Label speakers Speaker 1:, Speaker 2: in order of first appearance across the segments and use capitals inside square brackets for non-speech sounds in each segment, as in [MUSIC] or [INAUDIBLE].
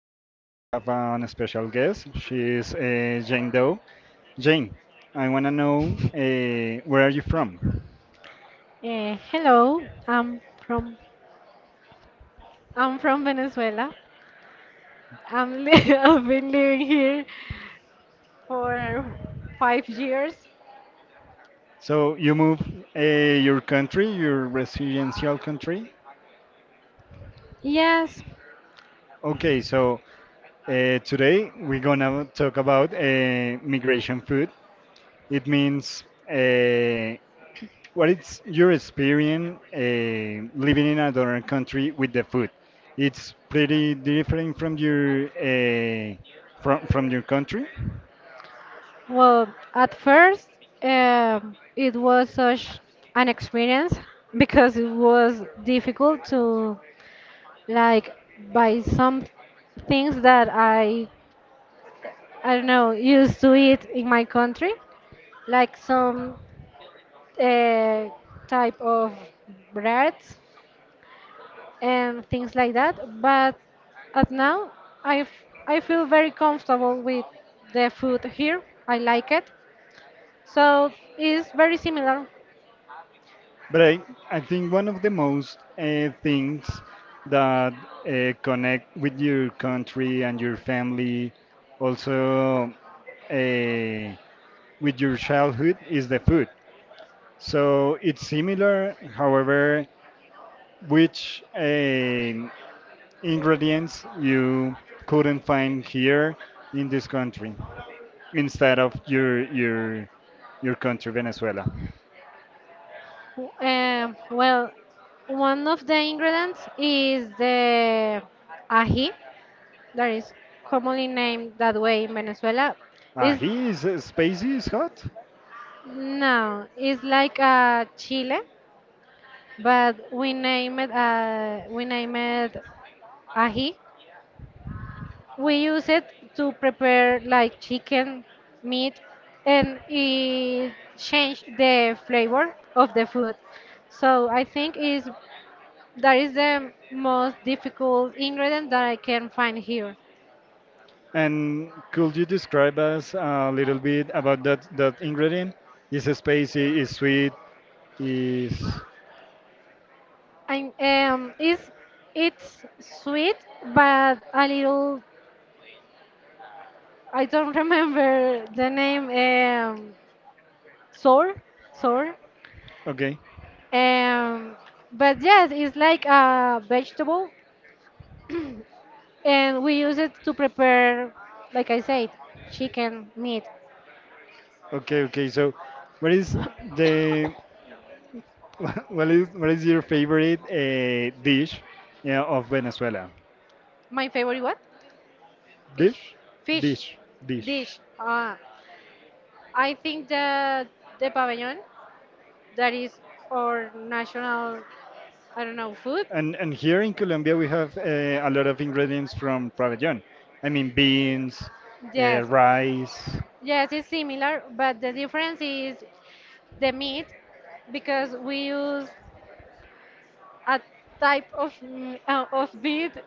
Speaker 1: today we have a special guest. She is Jane Doe. Jane, I want to know, where are you from?
Speaker 2: Hello, I'm from I'm from Venezuela. I'm li- [LAUGHS] I've been living here for 5 years.
Speaker 1: So you move, uh, your country, your residential country.
Speaker 2: Yes,
Speaker 1: Okay, so today we're gonna talk about migration food. It means, uh, what is your experience living in another country with the food? It's pretty different from your, from your country,
Speaker 2: well, at first, it was such an experience because it was difficult to like buy some things that I don't know used to eat in my country, like some uh, type of breads and things like that. But at now, I feel very comfortable with the food here. I like it. So it's very similar.
Speaker 1: but I think one of the most things that connect with your country and your family, also uh, with your childhood, is the food. So it's similar, however, which ingredients you couldn't find here in this country instead of your your country Venezuela.
Speaker 2: Well, one of the ingredients is the ají, that is commonly named that way in Venezuela. Is
Speaker 1: He is spicy, is hot.
Speaker 2: No, it's like a chile, but we name it ají. We use it to prepare like chicken, meat, and it change the flavor of the food. So I think is that is the most difficult ingredient that I can find here.
Speaker 1: And could you describe us a little bit about that ingredient? Is it spicy? Is sweet? Is
Speaker 2: And is it's sweet, but a little. I don't [LAUGHS] remember the name. Sour, sour.
Speaker 1: okay?
Speaker 2: Um, but yes, it's like a vegetable and we use it to prepare, like I said, chicken, meat.
Speaker 1: Okay, okay. So, what is the [LAUGHS] what is your favorite dish, yeah, of Venezuela?
Speaker 2: My favorite what? Fish.
Speaker 1: Dish,
Speaker 2: Fish
Speaker 1: dish, dish.
Speaker 2: dish. I think that the pabellon, that is our national, I don't know, food.
Speaker 1: And here in Colombia we have, a lot of ingredients from pabellón. I mean beans,
Speaker 2: Yes,
Speaker 1: rice.
Speaker 2: yes, it's similar, but the difference is the meat because we use a type of meat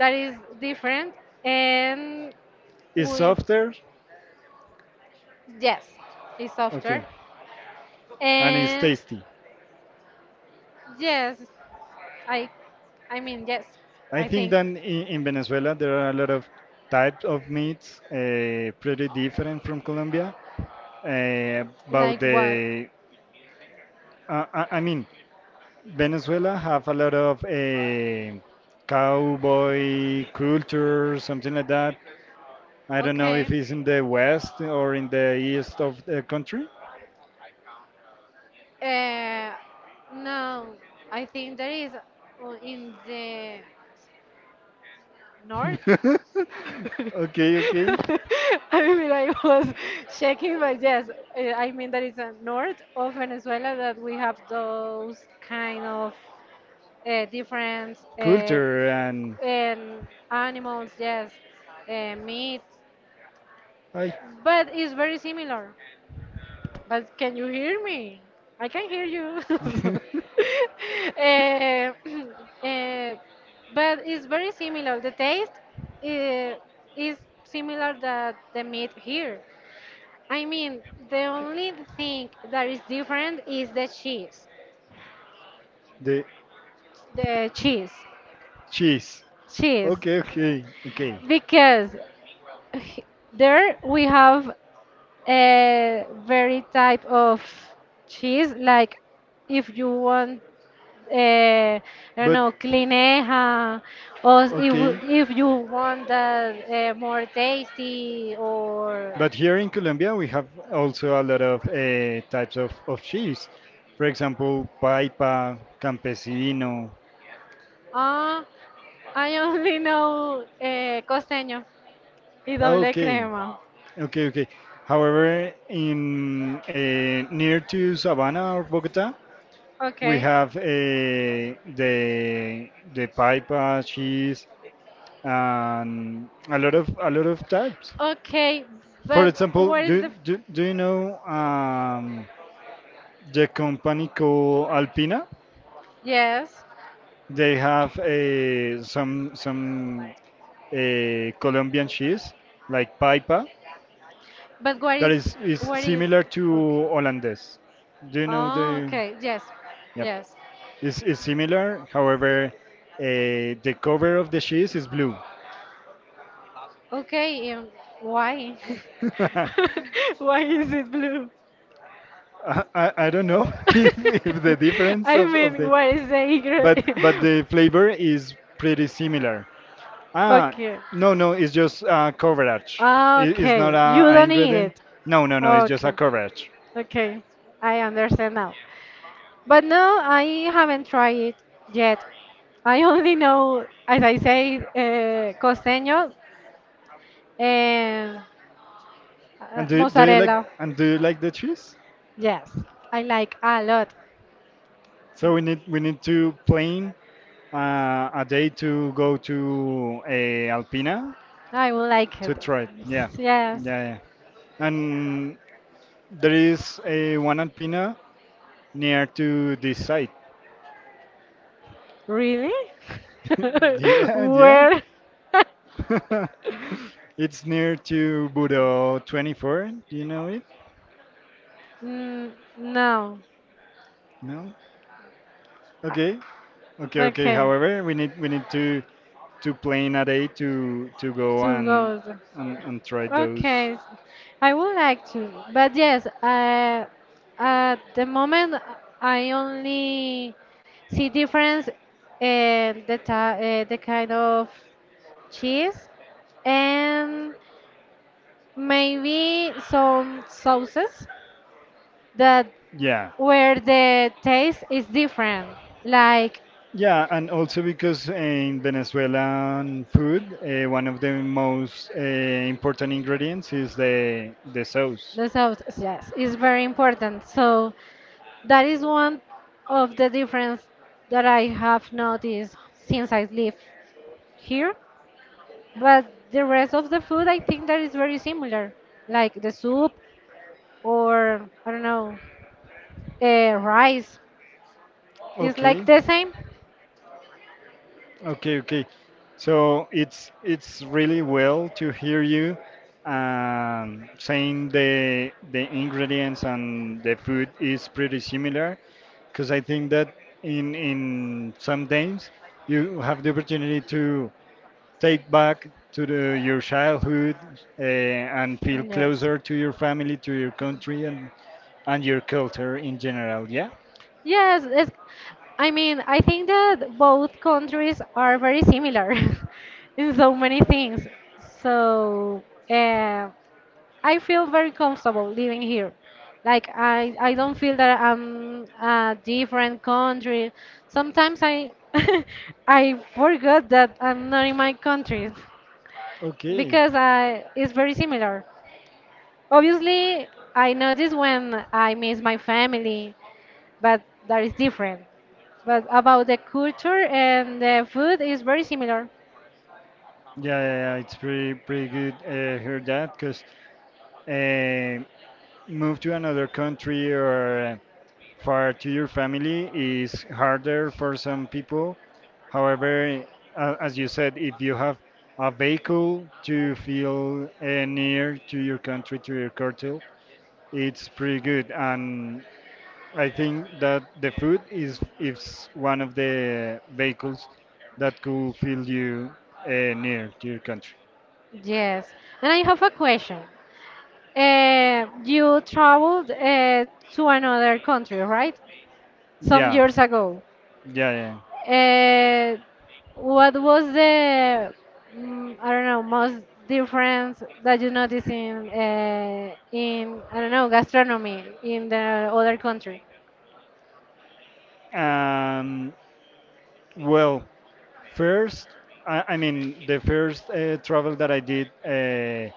Speaker 2: that is different, and
Speaker 1: It's
Speaker 2: we.
Speaker 1: softer,
Speaker 2: Yes, it's
Speaker 1: okay,
Speaker 2: softer.
Speaker 1: and it's
Speaker 2: And
Speaker 1: tasty.
Speaker 2: yes, I I mean yes,
Speaker 1: I
Speaker 2: I
Speaker 1: think
Speaker 2: think.
Speaker 1: that in Venezuela there are a lot of types of meats, pretty different from Colombia. Uh, about
Speaker 2: Like what?
Speaker 1: the, I mean, Venezuela have a lot of cowboy culture, something like that. I don't know
Speaker 2: Okay.
Speaker 1: if it's in the west or in the east of the country.
Speaker 2: Uh, no, I think there is in the north.
Speaker 1: [LAUGHS] Okay,
Speaker 2: [LAUGHS]
Speaker 1: okay.
Speaker 2: I mean, I was checking, but yes, I mean that it's a north of Venezuela that we have those kind of different
Speaker 1: Culture and
Speaker 2: um, animals, yes, meat,
Speaker 1: I.
Speaker 2: but it's very similar. But can you hear me? I can hear you.
Speaker 1: [LAUGHS]
Speaker 2: [LAUGHS] Eh, [CLEARS THROAT] eh, but it's very similar. The taste eh, is similar that the meat here. I mean, the only thing that is different is the cheese.
Speaker 1: The
Speaker 2: The cheese.
Speaker 1: cheese.
Speaker 2: Cheese.
Speaker 1: Okay, okay, okay.
Speaker 2: Because h- there we have a very type of cheese. Like if you want I don't
Speaker 1: But
Speaker 2: know, Clineja, or
Speaker 1: okay.
Speaker 2: if you want that more tasty or
Speaker 1: But here in Colombia, we have also a lot of types of cheese. For example, paipa, campesino.
Speaker 2: ah, I only know costeño y doble
Speaker 1: Okay,
Speaker 2: crema.
Speaker 1: okay, okay. However, in near to Sabana or Bogota, we
Speaker 2: Okay.
Speaker 1: have, the paipa cheese and a lot of types.
Speaker 2: Okay,
Speaker 1: For
Speaker 2: but
Speaker 1: example,
Speaker 2: what is the
Speaker 1: do you know the company called Alpina?
Speaker 2: yes?
Speaker 1: They have some Colombian cheese like paipa
Speaker 2: But what
Speaker 1: that
Speaker 2: is
Speaker 1: is
Speaker 2: what is?
Speaker 1: similar to hollandaise. Do you know
Speaker 2: Oh,
Speaker 1: the?
Speaker 2: okay. Yes,
Speaker 1: Yep,
Speaker 2: yes.
Speaker 1: it's similar. However, the cover of the cheese is blue.
Speaker 2: Okay, why?
Speaker 1: [LAUGHS] I,
Speaker 2: [LAUGHS] Why is it blue?
Speaker 1: I don't know
Speaker 2: [LAUGHS]
Speaker 1: [LAUGHS] if the difference
Speaker 2: I
Speaker 1: of
Speaker 2: mean,
Speaker 1: the
Speaker 2: what is the egret?
Speaker 1: but the
Speaker 2: [LAUGHS]
Speaker 1: flavor is pretty similar. Ah,
Speaker 2: Okay.
Speaker 1: no, no, it's just coverage.
Speaker 2: Ah,
Speaker 1: It, it's not
Speaker 2: okay, you
Speaker 1: a, a
Speaker 2: don't need
Speaker 1: ingredient.
Speaker 2: it.
Speaker 1: No, no, no, it's just a
Speaker 2: Okay.
Speaker 1: coverage.
Speaker 2: Okay, I understand now. But no, I haven't tried it yet. I only know, as I say, costeño and
Speaker 1: And do you like
Speaker 2: mozzarella.
Speaker 1: the cheese?
Speaker 2: Yes, I like a lot.
Speaker 1: So we need to plan a day to go to a Alpina
Speaker 2: I will like it.
Speaker 1: to try it. Yeah,
Speaker 2: Yes.
Speaker 1: yeah, yeah. And there is a one Alpina near to this site.
Speaker 2: Really?
Speaker 1: [LAUGHS]
Speaker 2: [LAUGHS]
Speaker 1: Yeah, yeah.
Speaker 2: Where?
Speaker 1: [LAUGHS]
Speaker 2: [LAUGHS]
Speaker 1: It's near to Budo 24. Do you know it?
Speaker 2: Mm, no.
Speaker 1: No.
Speaker 2: Uh,
Speaker 1: Okay. Okay, okay.
Speaker 2: Okay.
Speaker 1: However, we need to plan a day to go
Speaker 2: Two
Speaker 1: and
Speaker 2: goals.
Speaker 1: try those.
Speaker 2: Okay, s- I would like to, but yes, at the moment I only see difference in the the kind of cheese and maybe some sauces that
Speaker 1: Yeah,
Speaker 2: where the taste is different, like
Speaker 1: yeah, and also because, in Venezuelan food, one of the most important ingredients is the sauce.
Speaker 2: the sauce. Yes, is very important. So that is one of the difference that I have noticed since I live here. But the rest of the food, I think that is very similar, like the soup or I don't know, rice. It's like
Speaker 1: Okay.
Speaker 2: the same.
Speaker 1: Okay, okay. So it's really well to hear you saying the ingredients and the food is pretty similar, because I think that in some days you have the opportunity to take back to the, your childhood, and feel
Speaker 2: Yes.
Speaker 1: closer to your family, to your country, and your culture in general. Yeah.
Speaker 2: Yes, it's, I mean, I think that both countries are very similar [LAUGHS] in so many things. So, uh, I feel very comfortable living here. Like I don't feel that I'm a different country. Sometimes I, [LAUGHS] I forgot that I'm not in my country.
Speaker 1: Okay.
Speaker 2: Because it's very similar. Obviously, I notice when I miss my family, but that is different. But about the culture and the food is very similar.
Speaker 1: Yeah, yeah, yeah. It's pretty good, hear that because, uh, move to another country or, far to your family is harder for some people. However, as you said, if you have a vehicle to feel, near to your country, to your culture, it's pretty good. And I think that the food is one of the vehicles that could feel you, near to your country.
Speaker 2: Yes. And I have a question. You traveled to another country, right? Some
Speaker 1: Yeah,
Speaker 2: years ago.
Speaker 1: yeah,
Speaker 2: Uh, what was the mm, I don't know most difference that you notice in I don't know gastronomy in the other country?
Speaker 1: yeah. Well, first, I mean, the first travel that I did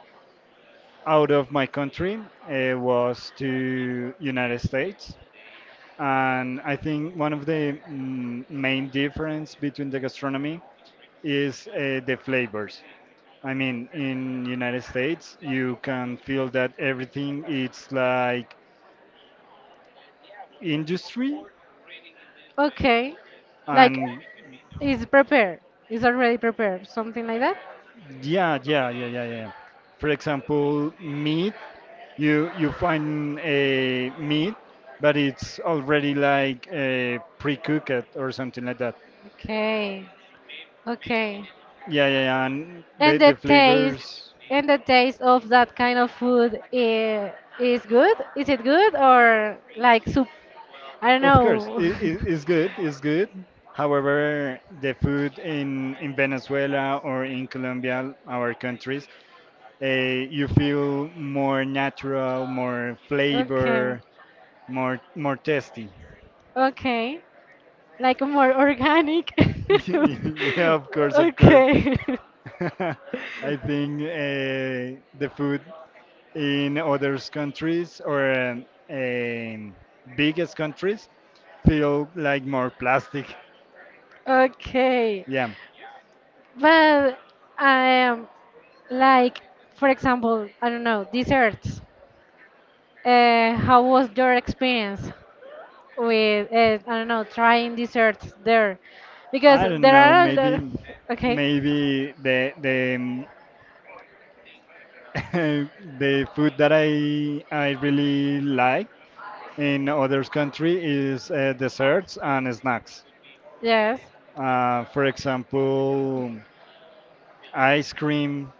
Speaker 1: out of my country was to United States, and I think one of the main difference between the gastronomy is the flavors. I mean, in United States, you can feel that everything it's like industry,
Speaker 2: Okay, like
Speaker 1: and
Speaker 2: it's prepared, it's already prepared, something like that.
Speaker 1: yeah, yeah, yeah, yeah, yeah. For example, meat, you find a meat, but it's already like, pre-cooked or something like that.
Speaker 2: Okay, okay.
Speaker 1: Yeah, yeah, yeah. And the
Speaker 2: And
Speaker 1: the
Speaker 2: the taste
Speaker 1: flavors,
Speaker 2: and the taste of that kind of food is good? Is it good or like soup? I don't
Speaker 1: of course,
Speaker 2: know. [LAUGHS]
Speaker 1: is good, is good. However, the food in Venezuela or in Colombia, our countries, uh, you feel more natural, more
Speaker 2: Okay.
Speaker 1: flavor, more tasty.
Speaker 2: Okay. Like more organic.
Speaker 1: [LAUGHS]
Speaker 2: [LAUGHS]
Speaker 1: Yeah, of course, of course.
Speaker 2: Okay.
Speaker 1: [LAUGHS] I think
Speaker 2: [LAUGHS]
Speaker 1: the food in other countries or um, biggest countries feel like more plastic.
Speaker 2: Okay.
Speaker 1: Yeah,
Speaker 2: Well, am like for example, I don't know, desserts. How was your experience with I don't know, trying desserts there? Because
Speaker 1: I don't
Speaker 2: there
Speaker 1: know.
Speaker 2: are a lot of,
Speaker 1: Maybe,
Speaker 2: okay,
Speaker 1: maybe the [LAUGHS] the food that I really like in other country is, desserts and snacks.
Speaker 2: yes,
Speaker 1: For example, ice cream.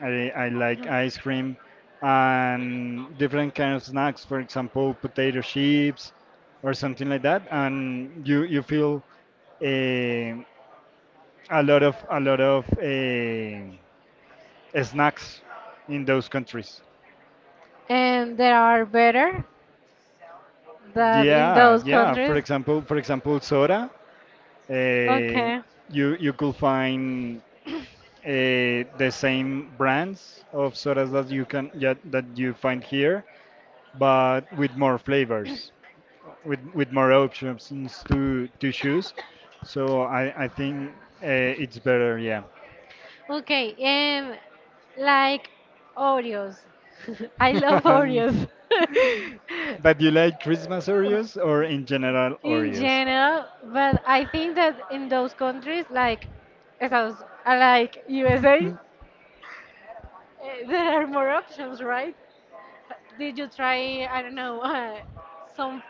Speaker 1: I like ice cream and different kind of snacks, for example, potato chips or something like that. And you feel eh, a lot of snacks in those countries.
Speaker 2: and there are better than in
Speaker 1: Yeah,
Speaker 2: those
Speaker 1: yeah.
Speaker 2: countries.
Speaker 1: For example, soda. Uh,
Speaker 2: Okay.
Speaker 1: you could find the same brands of sodas that you can, yeah, that you find here, but with more flavors, with more options to choose. So I think uh, it's better, yeah.
Speaker 2: Okay, um, like Oreos. [LAUGHS] I love Oreos.
Speaker 1: [LAUGHS]
Speaker 2: [LAUGHS]
Speaker 1: But you like Christmas Oreos or in general
Speaker 2: In
Speaker 1: Oreos?
Speaker 2: general, but I think that in those countries like Estados, like USA,
Speaker 1: [LAUGHS]
Speaker 2: there are more options, right? Did you try, I don't know, some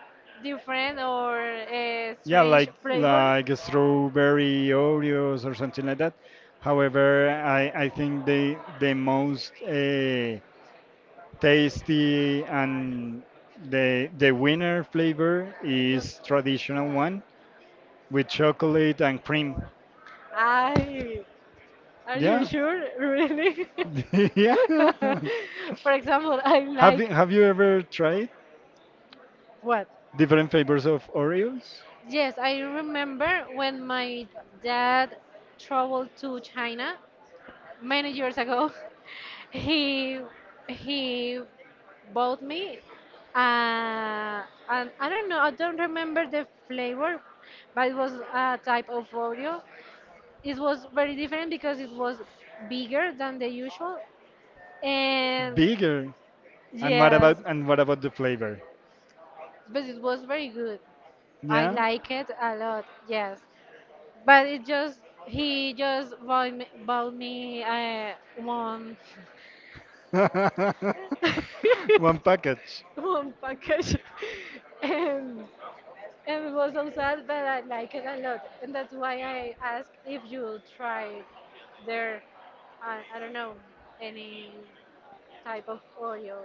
Speaker 2: different or
Speaker 1: Yeah,
Speaker 2: strange flavor?
Speaker 1: like strawberry Oreos or something like that. However, I think the most tasty and the winner flavor is
Speaker 2: Yes.
Speaker 1: traditional one with chocolate and cream.
Speaker 2: I, are you
Speaker 1: Yeah.
Speaker 2: sure? [LAUGHS] Really? [LAUGHS]
Speaker 1: [LAUGHS] Yeah.
Speaker 2: For example, I like
Speaker 1: Have you ever tried
Speaker 2: what?
Speaker 1: different flavors of Oreos?
Speaker 2: Yes, I remember when my dad traveled to China many years ago. [LAUGHS] He he bought me uh, and I don't know, I don't remember the flavor, but it was a type of Oreo. It was very different because it was bigger than the usual. And
Speaker 1: Bigger.
Speaker 2: yes,
Speaker 1: And what about the flavor?
Speaker 2: but it was very good. I
Speaker 1: Yeah.
Speaker 2: like it a lot. Yes, but it just he just bought me one
Speaker 1: [LAUGHS]
Speaker 2: [LAUGHS]
Speaker 1: One package.
Speaker 2: one package, [LAUGHS] and and it was so sad, but I like it a lot, and that's why I ask if you try their I don't know any type of oil.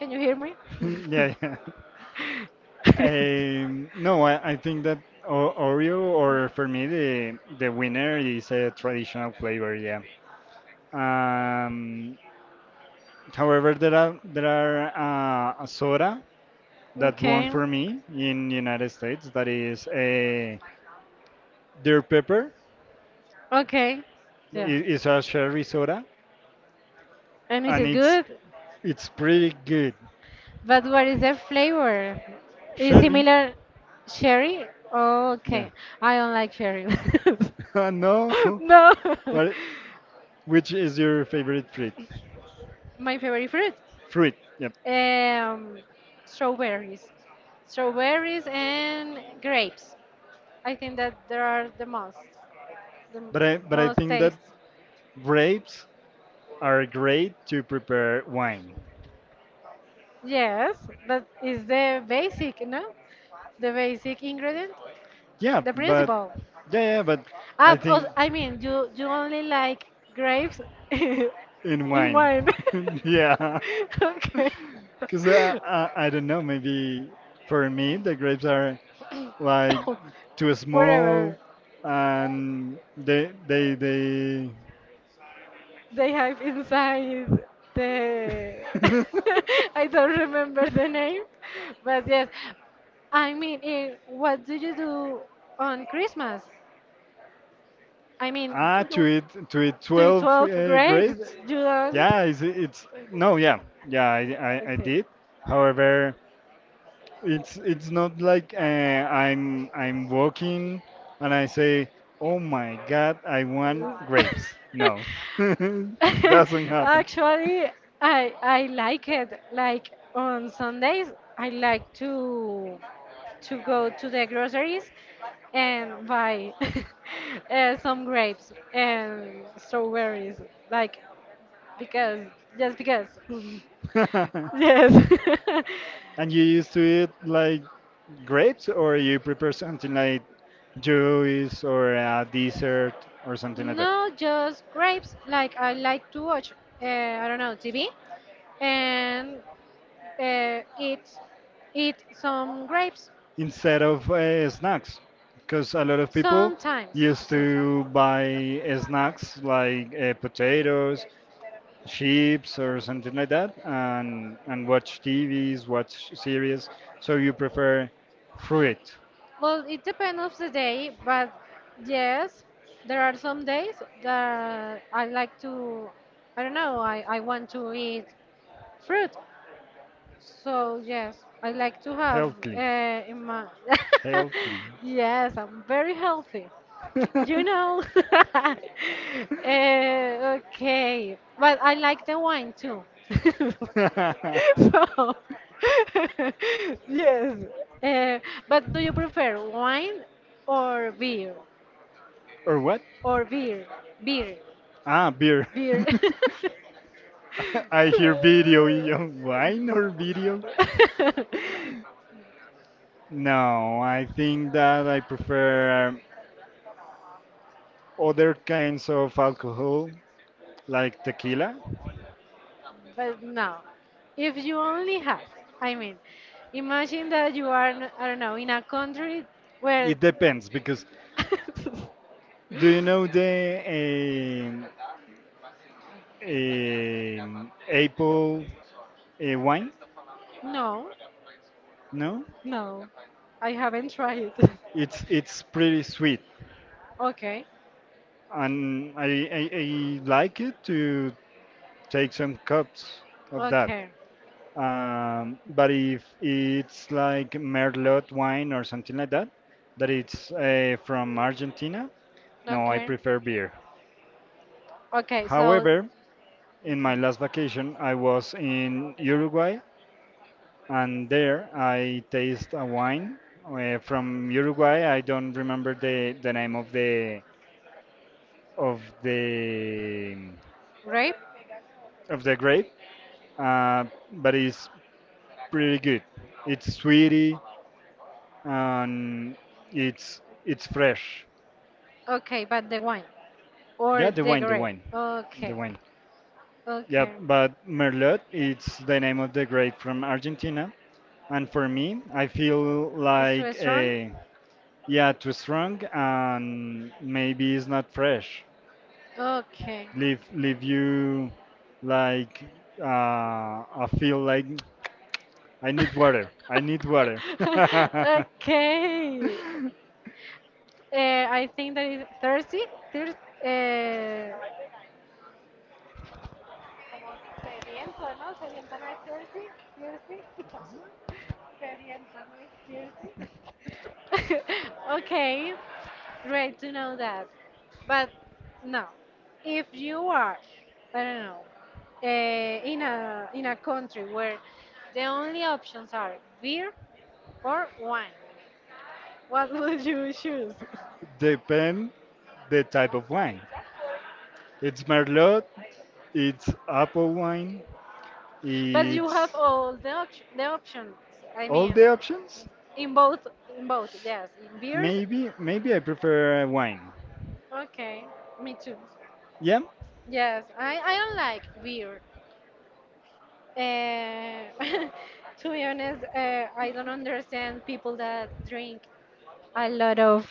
Speaker 2: Can you hear me?
Speaker 1: [LAUGHS] Yeah, yeah.
Speaker 2: [LAUGHS]
Speaker 1: No, I think that Oreo, or for me, the winner is a traditional flavor. Yeah. Um, however, there are a soda that won
Speaker 2: Okay.
Speaker 1: for me in United States. That is a Deer Pepper.
Speaker 2: Okay. Yeah.
Speaker 1: It is a cherry soda,
Speaker 2: And is
Speaker 1: and
Speaker 2: it good?
Speaker 1: it's pretty good.
Speaker 2: But what is the flavor? Is
Speaker 1: Sherry.
Speaker 2: similar cherry?
Speaker 1: Yeah.
Speaker 2: Okay. I don't like cherry.
Speaker 1: [LAUGHS]
Speaker 2: [LAUGHS]
Speaker 1: No,
Speaker 2: No. [LAUGHS]
Speaker 1: but which is your favorite fruit?
Speaker 2: My favorite fruit.
Speaker 1: Fruit, yep.
Speaker 2: Um, Strawberries. Strawberries and grapes. I think that there are the
Speaker 1: But I
Speaker 2: most
Speaker 1: think that
Speaker 2: taste.
Speaker 1: grapes are great to prepare wine.
Speaker 2: Yes, that is the basic, no? The basic ingredient,
Speaker 1: Yeah,
Speaker 2: the
Speaker 1: but
Speaker 2: principle.
Speaker 1: yeah, yeah, but
Speaker 2: Ah,
Speaker 1: I
Speaker 2: oh,
Speaker 1: think
Speaker 2: I mean, you only like grapes [LAUGHS] in
Speaker 1: in wine.
Speaker 2: wine. [LAUGHS]
Speaker 1: [LAUGHS] Yeah,
Speaker 2: Okay.
Speaker 1: because, I,
Speaker 2: [COUGHS]
Speaker 1: I I don't know. Maybe for me the grapes are like too small,
Speaker 2: Whatever.
Speaker 1: and they they.
Speaker 2: They have inside the.
Speaker 1: [LAUGHS]
Speaker 2: [LAUGHS] I don't remember the name, but yes. I mean, eh, what do you do on Christmas? I mean,
Speaker 1: Ah,
Speaker 2: to do-
Speaker 1: to eat
Speaker 2: to eat
Speaker 1: 12,
Speaker 2: 12 grapes.
Speaker 1: grapes.
Speaker 2: You don't?
Speaker 1: Yeah, it's no, yeah, yeah, I
Speaker 2: Okay.
Speaker 1: did. However, it's not like, I'm walking and I say, oh my God, I want
Speaker 2: [LAUGHS]
Speaker 1: grapes. No, [LAUGHS]
Speaker 2: [LAUGHS]
Speaker 1: doesn't happen.
Speaker 2: Actually, I like it. Like on Sundays, I like to go to the groceries and buy [LAUGHS] some grapes and strawberries. Like because just because. [LAUGHS]
Speaker 1: [LAUGHS]
Speaker 2: Yes. [LAUGHS]
Speaker 1: And you used to eat like grapes, or you prepare something like juice or a dessert or something like that,
Speaker 2: No, just grapes. Like I like to watch, I don't know, TV and uh, eat eat some grapes
Speaker 1: instead of, snacks because a lot of people
Speaker 2: sometimes.
Speaker 1: used
Speaker 2: So-
Speaker 1: to buy, snacks like, potatoes chips or something like that and watch tvs, watch series. So you prefer fruit,
Speaker 2: Well, it depends of the day, but yes, there are some days that I like to. I don't know. I want to eat fruit, so yes, I like to have
Speaker 1: healthy,
Speaker 2: in my [LAUGHS]
Speaker 1: healthy.
Speaker 2: yes, I'm very healthy. You know. [LAUGHS] uh, okay, but I like the wine too. [LAUGHS] So [LAUGHS] yes, uh, but do you prefer wine or beer
Speaker 1: [LAUGHS] Or what,
Speaker 2: or beer beer
Speaker 1: ah, beer? [LAUGHS]
Speaker 2: beer?
Speaker 1: I hear video yo, wine or video?
Speaker 2: [LAUGHS] [LAUGHS] [LAUGHS]
Speaker 1: No, I think that I prefer other kinds of alcohol like tequila?
Speaker 2: But no, if you only have, I mean, imagine that you are, I don't know, in a country where.
Speaker 1: It depends because
Speaker 2: [LAUGHS]
Speaker 1: do you know the um, apple, wine?
Speaker 2: No,
Speaker 1: No,
Speaker 2: no, I haven't tried. [LAUGHS]
Speaker 1: it's pretty sweet,
Speaker 2: okay,
Speaker 1: and, I like it to take some cups of that.
Speaker 2: okay,
Speaker 1: But if it's like merlot wine or something like that, that it's from Argentina, no, I
Speaker 2: okay,
Speaker 1: prefer beer.
Speaker 2: okay, so. Okay.
Speaker 1: However, in my last vacation, I was in Uruguay, and there I taste a wine from Uruguay. I don't remember the name of the
Speaker 2: Grape?
Speaker 1: of the grape, uh, but it's pretty good. It's sweety and it's fresh.
Speaker 2: Okay, but the wine.
Speaker 1: Yeah,
Speaker 2: Or
Speaker 1: the
Speaker 2: the
Speaker 1: wine,
Speaker 2: grape.
Speaker 1: the
Speaker 2: Okay.
Speaker 1: wine. Yeah,
Speaker 2: Okay.
Speaker 1: but Merlot, it's the name of the grape from Argentina. And for me, I feel
Speaker 2: This
Speaker 1: like,
Speaker 2: restaurant?
Speaker 1: yeah, too strong and maybe it's not fresh,
Speaker 2: Okay.
Speaker 1: leave you like, uh, I feel like I need water.
Speaker 2: [LAUGHS]
Speaker 1: [LAUGHS]
Speaker 2: Okay. I think that is thirsty. Thir- uh, [LAUGHS] okay. Great to know that. But no, if you are, I don't know, in a country where the only options are beer or wine, what [LAUGHS] would you choose? [LAUGHS]
Speaker 1: Depend the type of wine, it's merlot, it's apple wine,
Speaker 2: But you have
Speaker 1: it's
Speaker 2: all the option, the options. I
Speaker 1: all
Speaker 2: mean,
Speaker 1: the options.
Speaker 2: in both, in both, yes, in beers.
Speaker 1: Maybe I prefer wine,
Speaker 2: Okay, me too.
Speaker 1: yeah,
Speaker 2: Yes, I don't like beer. Uh, [LAUGHS] to be honest, I don't understand people that drink a lot of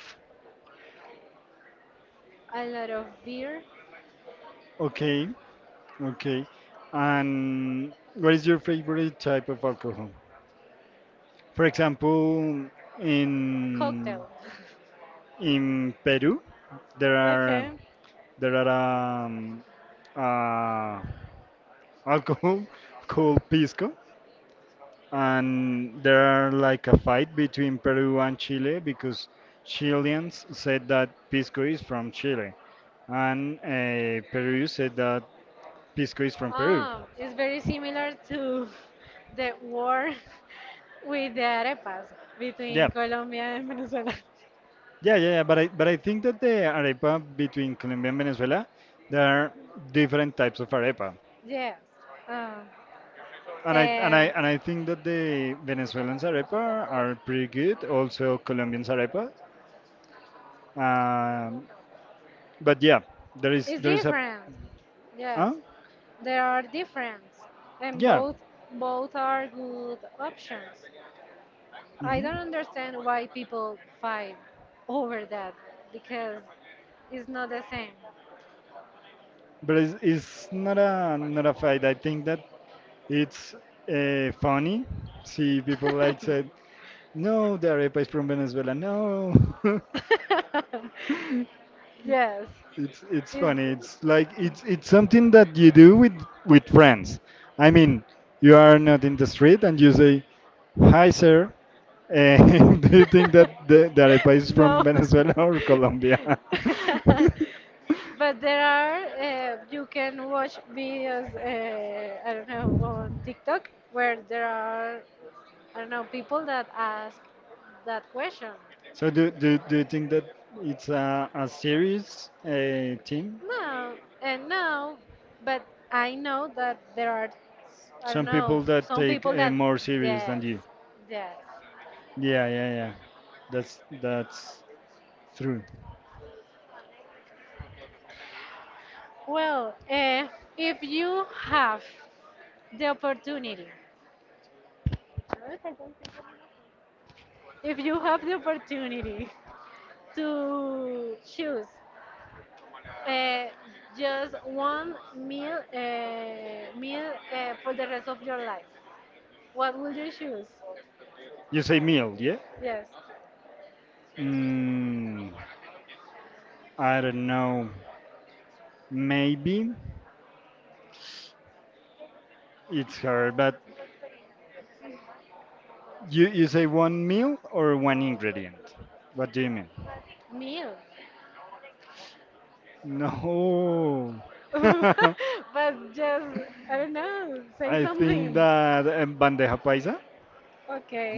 Speaker 2: a lot of beer
Speaker 1: okay. Okay. And what is your favorite type of alcohol? For example, in
Speaker 2: cocktail.
Speaker 1: in Peru, there
Speaker 2: [LAUGHS]
Speaker 1: are
Speaker 2: okay.
Speaker 1: there are uh, alcohol [LAUGHS] called pisco, and there are like a fight between Peru and Chile because Chileans said that pisco is from Chile, and, Peru said that pisco is from Peru.
Speaker 2: Ah, it's very similar to [LAUGHS] the war [LAUGHS] with the arepas
Speaker 1: Yeah,
Speaker 2: between Colombia and Venezuela. [LAUGHS]
Speaker 1: yeah, yeah, yeah, but I think that the arepa between Colombia and Venezuela, there are different types of arepa,
Speaker 2: Yes. Um,
Speaker 1: and
Speaker 2: um,
Speaker 1: I think that the Venezuelans arepa are pretty good. Also, Colombians
Speaker 2: it's
Speaker 1: arepa, um, but yeah, there is a,
Speaker 2: different.
Speaker 1: huh?
Speaker 2: Yes, there are different, and
Speaker 1: Yeah,
Speaker 2: both are good options. I
Speaker 1: hmm,
Speaker 2: don't understand why people fight over that because it's not the same.
Speaker 1: but it's not a, not a fight. I think that it's funny. See, people like said, no, the arepa is from Venezuela. No. [LAUGHS]
Speaker 2: [LAUGHS] [LAUGHS] Yes.
Speaker 1: It's funny.
Speaker 2: it's,
Speaker 1: It's like it's something that you do with friends. I mean, you are not in the street and you say, "Hi, sir." And [LAUGHS] do you think that
Speaker 2: [LAUGHS]
Speaker 1: the arepa is from
Speaker 2: no.
Speaker 1: Venezuela or Colombia? [LAUGHS]
Speaker 2: [LAUGHS] But there are you can watch videos I don't know on TikTok where there are I don't know people that ask that question.
Speaker 1: So do you think that it's a serious team?
Speaker 2: No, and no, but I know that there are s- I don't
Speaker 1: Some people
Speaker 2: know
Speaker 1: that
Speaker 2: some
Speaker 1: take,
Speaker 2: people that
Speaker 1: more serious than
Speaker 2: yes,
Speaker 1: you.
Speaker 2: yes.
Speaker 1: Yeah, yeah, yeah. That's true.
Speaker 2: Well, if you have the opportunity, if you have the opportunity to choose uh, just one meal for the rest of your life, what would you choose?
Speaker 1: You say meal, yeah?
Speaker 2: Yes,
Speaker 1: Mm. I don't know. Maybe it's her, but you say one meal or one ingredient? What do you mean?
Speaker 2: meal.
Speaker 1: No.
Speaker 2: [LAUGHS]
Speaker 1: [LAUGHS]
Speaker 2: but just I don't know. Say
Speaker 1: I think
Speaker 2: something.
Speaker 1: that bandeja paisa.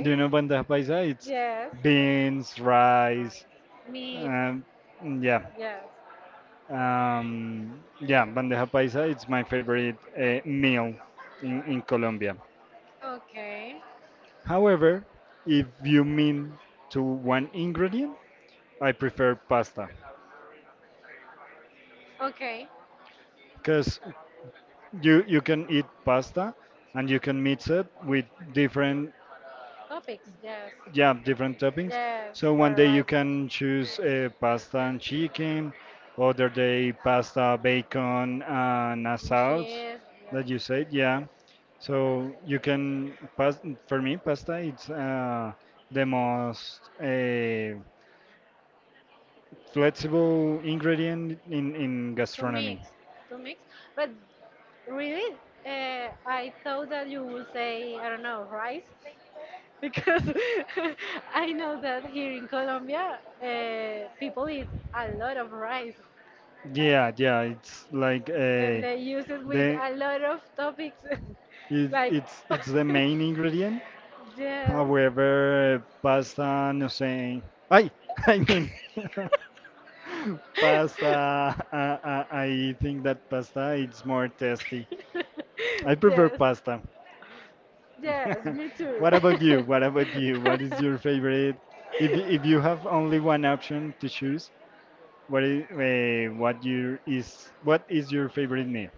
Speaker 1: Do you know bandeja paisa? It's
Speaker 2: Yes.
Speaker 1: beans,
Speaker 2: Nice.
Speaker 1: rice.
Speaker 2: Meat.
Speaker 1: Um, yeah.
Speaker 2: Yes.
Speaker 1: Yeah, bandeja paisa. It's my favorite meal in Colombia.
Speaker 2: Okay.
Speaker 1: However, if you mean to one ingredient, I prefer pasta.
Speaker 2: Okay.
Speaker 1: Because you can eat pasta and you can mix it with different,
Speaker 2: Topics. Yes.
Speaker 1: yeah, different toppings.
Speaker 2: Yes.
Speaker 1: So one
Speaker 2: You're
Speaker 1: day you
Speaker 2: right.
Speaker 1: can choose, pasta and chicken, other day pasta, bacon and a
Speaker 2: And
Speaker 1: sauce
Speaker 2: yes.
Speaker 1: that you said, yeah. So you can pas, for me pasta it's the most flexible ingredient in
Speaker 2: To
Speaker 1: gastronomy.
Speaker 2: mix, to mix. But really, I thought that you would say, I don't know, rice, [LAUGHS] because [LAUGHS] I know that here in Colombia, people eat a lot of rice
Speaker 1: Yeah, yeah, it's like
Speaker 2: and they use it with
Speaker 1: the
Speaker 2: a lot of topics, [LAUGHS]
Speaker 1: it,
Speaker 2: like,
Speaker 1: it's the main ingredient.
Speaker 2: [LAUGHS] yes.
Speaker 1: However, pasta no sé. Ay, [LAUGHS] I mean [LAUGHS] pasta. I think
Speaker 2: [LAUGHS]
Speaker 1: that pasta it's more tasty. I prefer
Speaker 2: yes,
Speaker 1: pasta.
Speaker 2: yes, me
Speaker 1: [LAUGHS]
Speaker 2: too.
Speaker 1: What about you? What
Speaker 2: [LAUGHS]
Speaker 1: is your favorite? If you have only one option to choose, what is what is your favorite meal?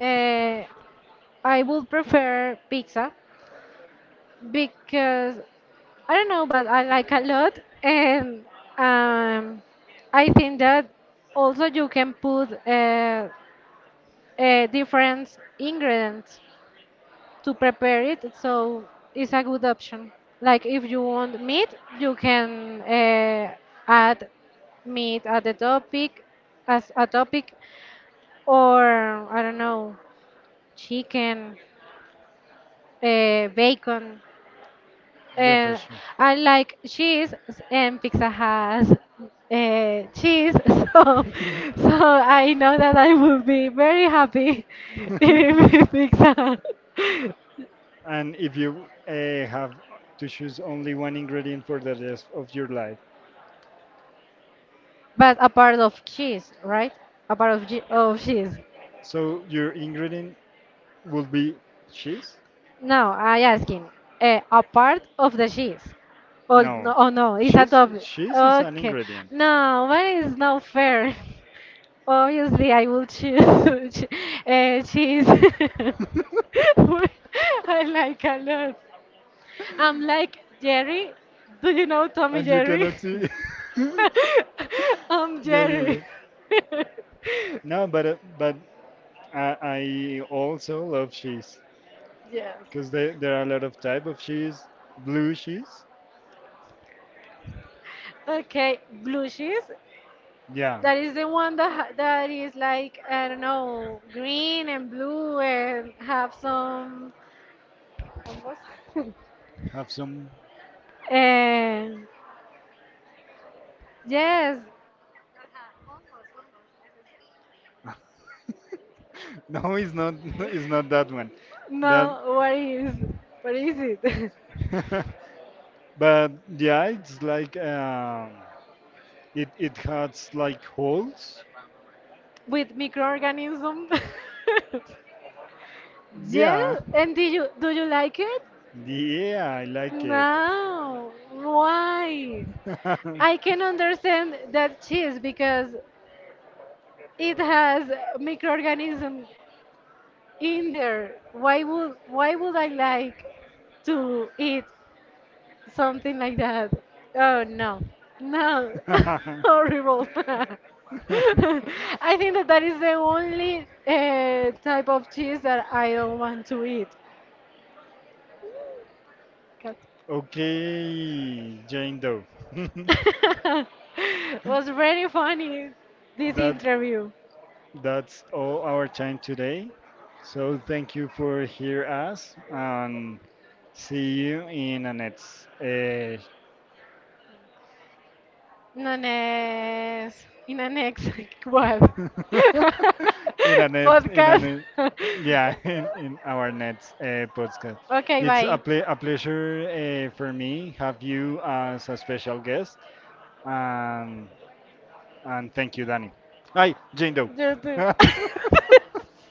Speaker 2: Uh, I would prefer pizza because I don't know, but I like a lot, and um, I think that also you can put different ingredients to prepare it. So it's a good option. Like if you want meat, you can add meat at the topic as a topic, or I don't know, chicken, bacon.
Speaker 1: Yeah, for
Speaker 2: Uh,
Speaker 1: sure.
Speaker 2: I like cheese, s- and pizza has cheese, [LAUGHS] so so
Speaker 1: [LAUGHS]
Speaker 2: I know that I will be very happy [LAUGHS] eating pizza. [LAUGHS]
Speaker 1: And if you, have to choose only one ingredient for the rest of your life,
Speaker 2: But a part of cheese, right? A part of, ge- of cheese.
Speaker 1: so your ingredient will be cheese?
Speaker 2: No, I asking. A part of the cheese. Oh no,
Speaker 1: No,
Speaker 2: oh no, it's a topic.
Speaker 1: cheese is an
Speaker 2: Okay.
Speaker 1: ingredient,
Speaker 2: No, but it's not fair. [LAUGHS] Obviously, I will choose [LAUGHS] che- cheese. [LAUGHS] [LAUGHS]
Speaker 1: [LAUGHS]
Speaker 2: I like a lot. I'm like Jerry. Do you know Tommy
Speaker 1: and you
Speaker 2: Jerry?
Speaker 1: cannot see. [LAUGHS] Yeah,
Speaker 2: [LAUGHS] I'm
Speaker 1: yeah,
Speaker 2: Jerry.
Speaker 1: yeah.
Speaker 2: [LAUGHS]
Speaker 1: No, but I also love cheese
Speaker 2: Yes.
Speaker 1: because there are a lot of type of cheese. Blue cheese.
Speaker 2: Okay, blue cheese.
Speaker 1: Yeah.
Speaker 2: That is the one that ha- that is like I don't know, green and blue and have some.
Speaker 1: Have some.
Speaker 2: And yes,
Speaker 1: [LAUGHS] No, it's not. [LAUGHS] It's not that one. That.
Speaker 2: no, what is it?
Speaker 1: [LAUGHS] But yeah, it's like it it has like holes.
Speaker 2: [LAUGHS] With microorganisms. [LAUGHS] Yes,
Speaker 1: Yeah.
Speaker 2: and do you like it?
Speaker 1: Yeah, I like it.
Speaker 2: No, why? I can understand that cheese because
Speaker 1: [LAUGHS] [LAUGHS]
Speaker 2: it has microorganisms in there. Why would I like to eat something like that? Oh no, no, [LAUGHS] horrible. [LAUGHS] I think that that is the only type of cheese that I don't want to eat.
Speaker 1: Okay, Jane Doe. [LAUGHS]
Speaker 2: [LAUGHS] It was very funny this
Speaker 1: That
Speaker 2: interview.
Speaker 1: that's all our time today. So thank you for hear us and see you in the next
Speaker 2: Nanés. Inanex. [LAUGHS] What? [LAUGHS]
Speaker 1: [LAUGHS] in a
Speaker 2: Podcast.
Speaker 1: net, yeah, [LAUGHS] in our next podcast.
Speaker 2: Ok,
Speaker 1: It's a,
Speaker 2: bye.
Speaker 1: ple a pleasure for me have you as a special guest, and and thank you, Danny. Hi, Jane Doe. [LAUGHS]
Speaker 2: [LAUGHS]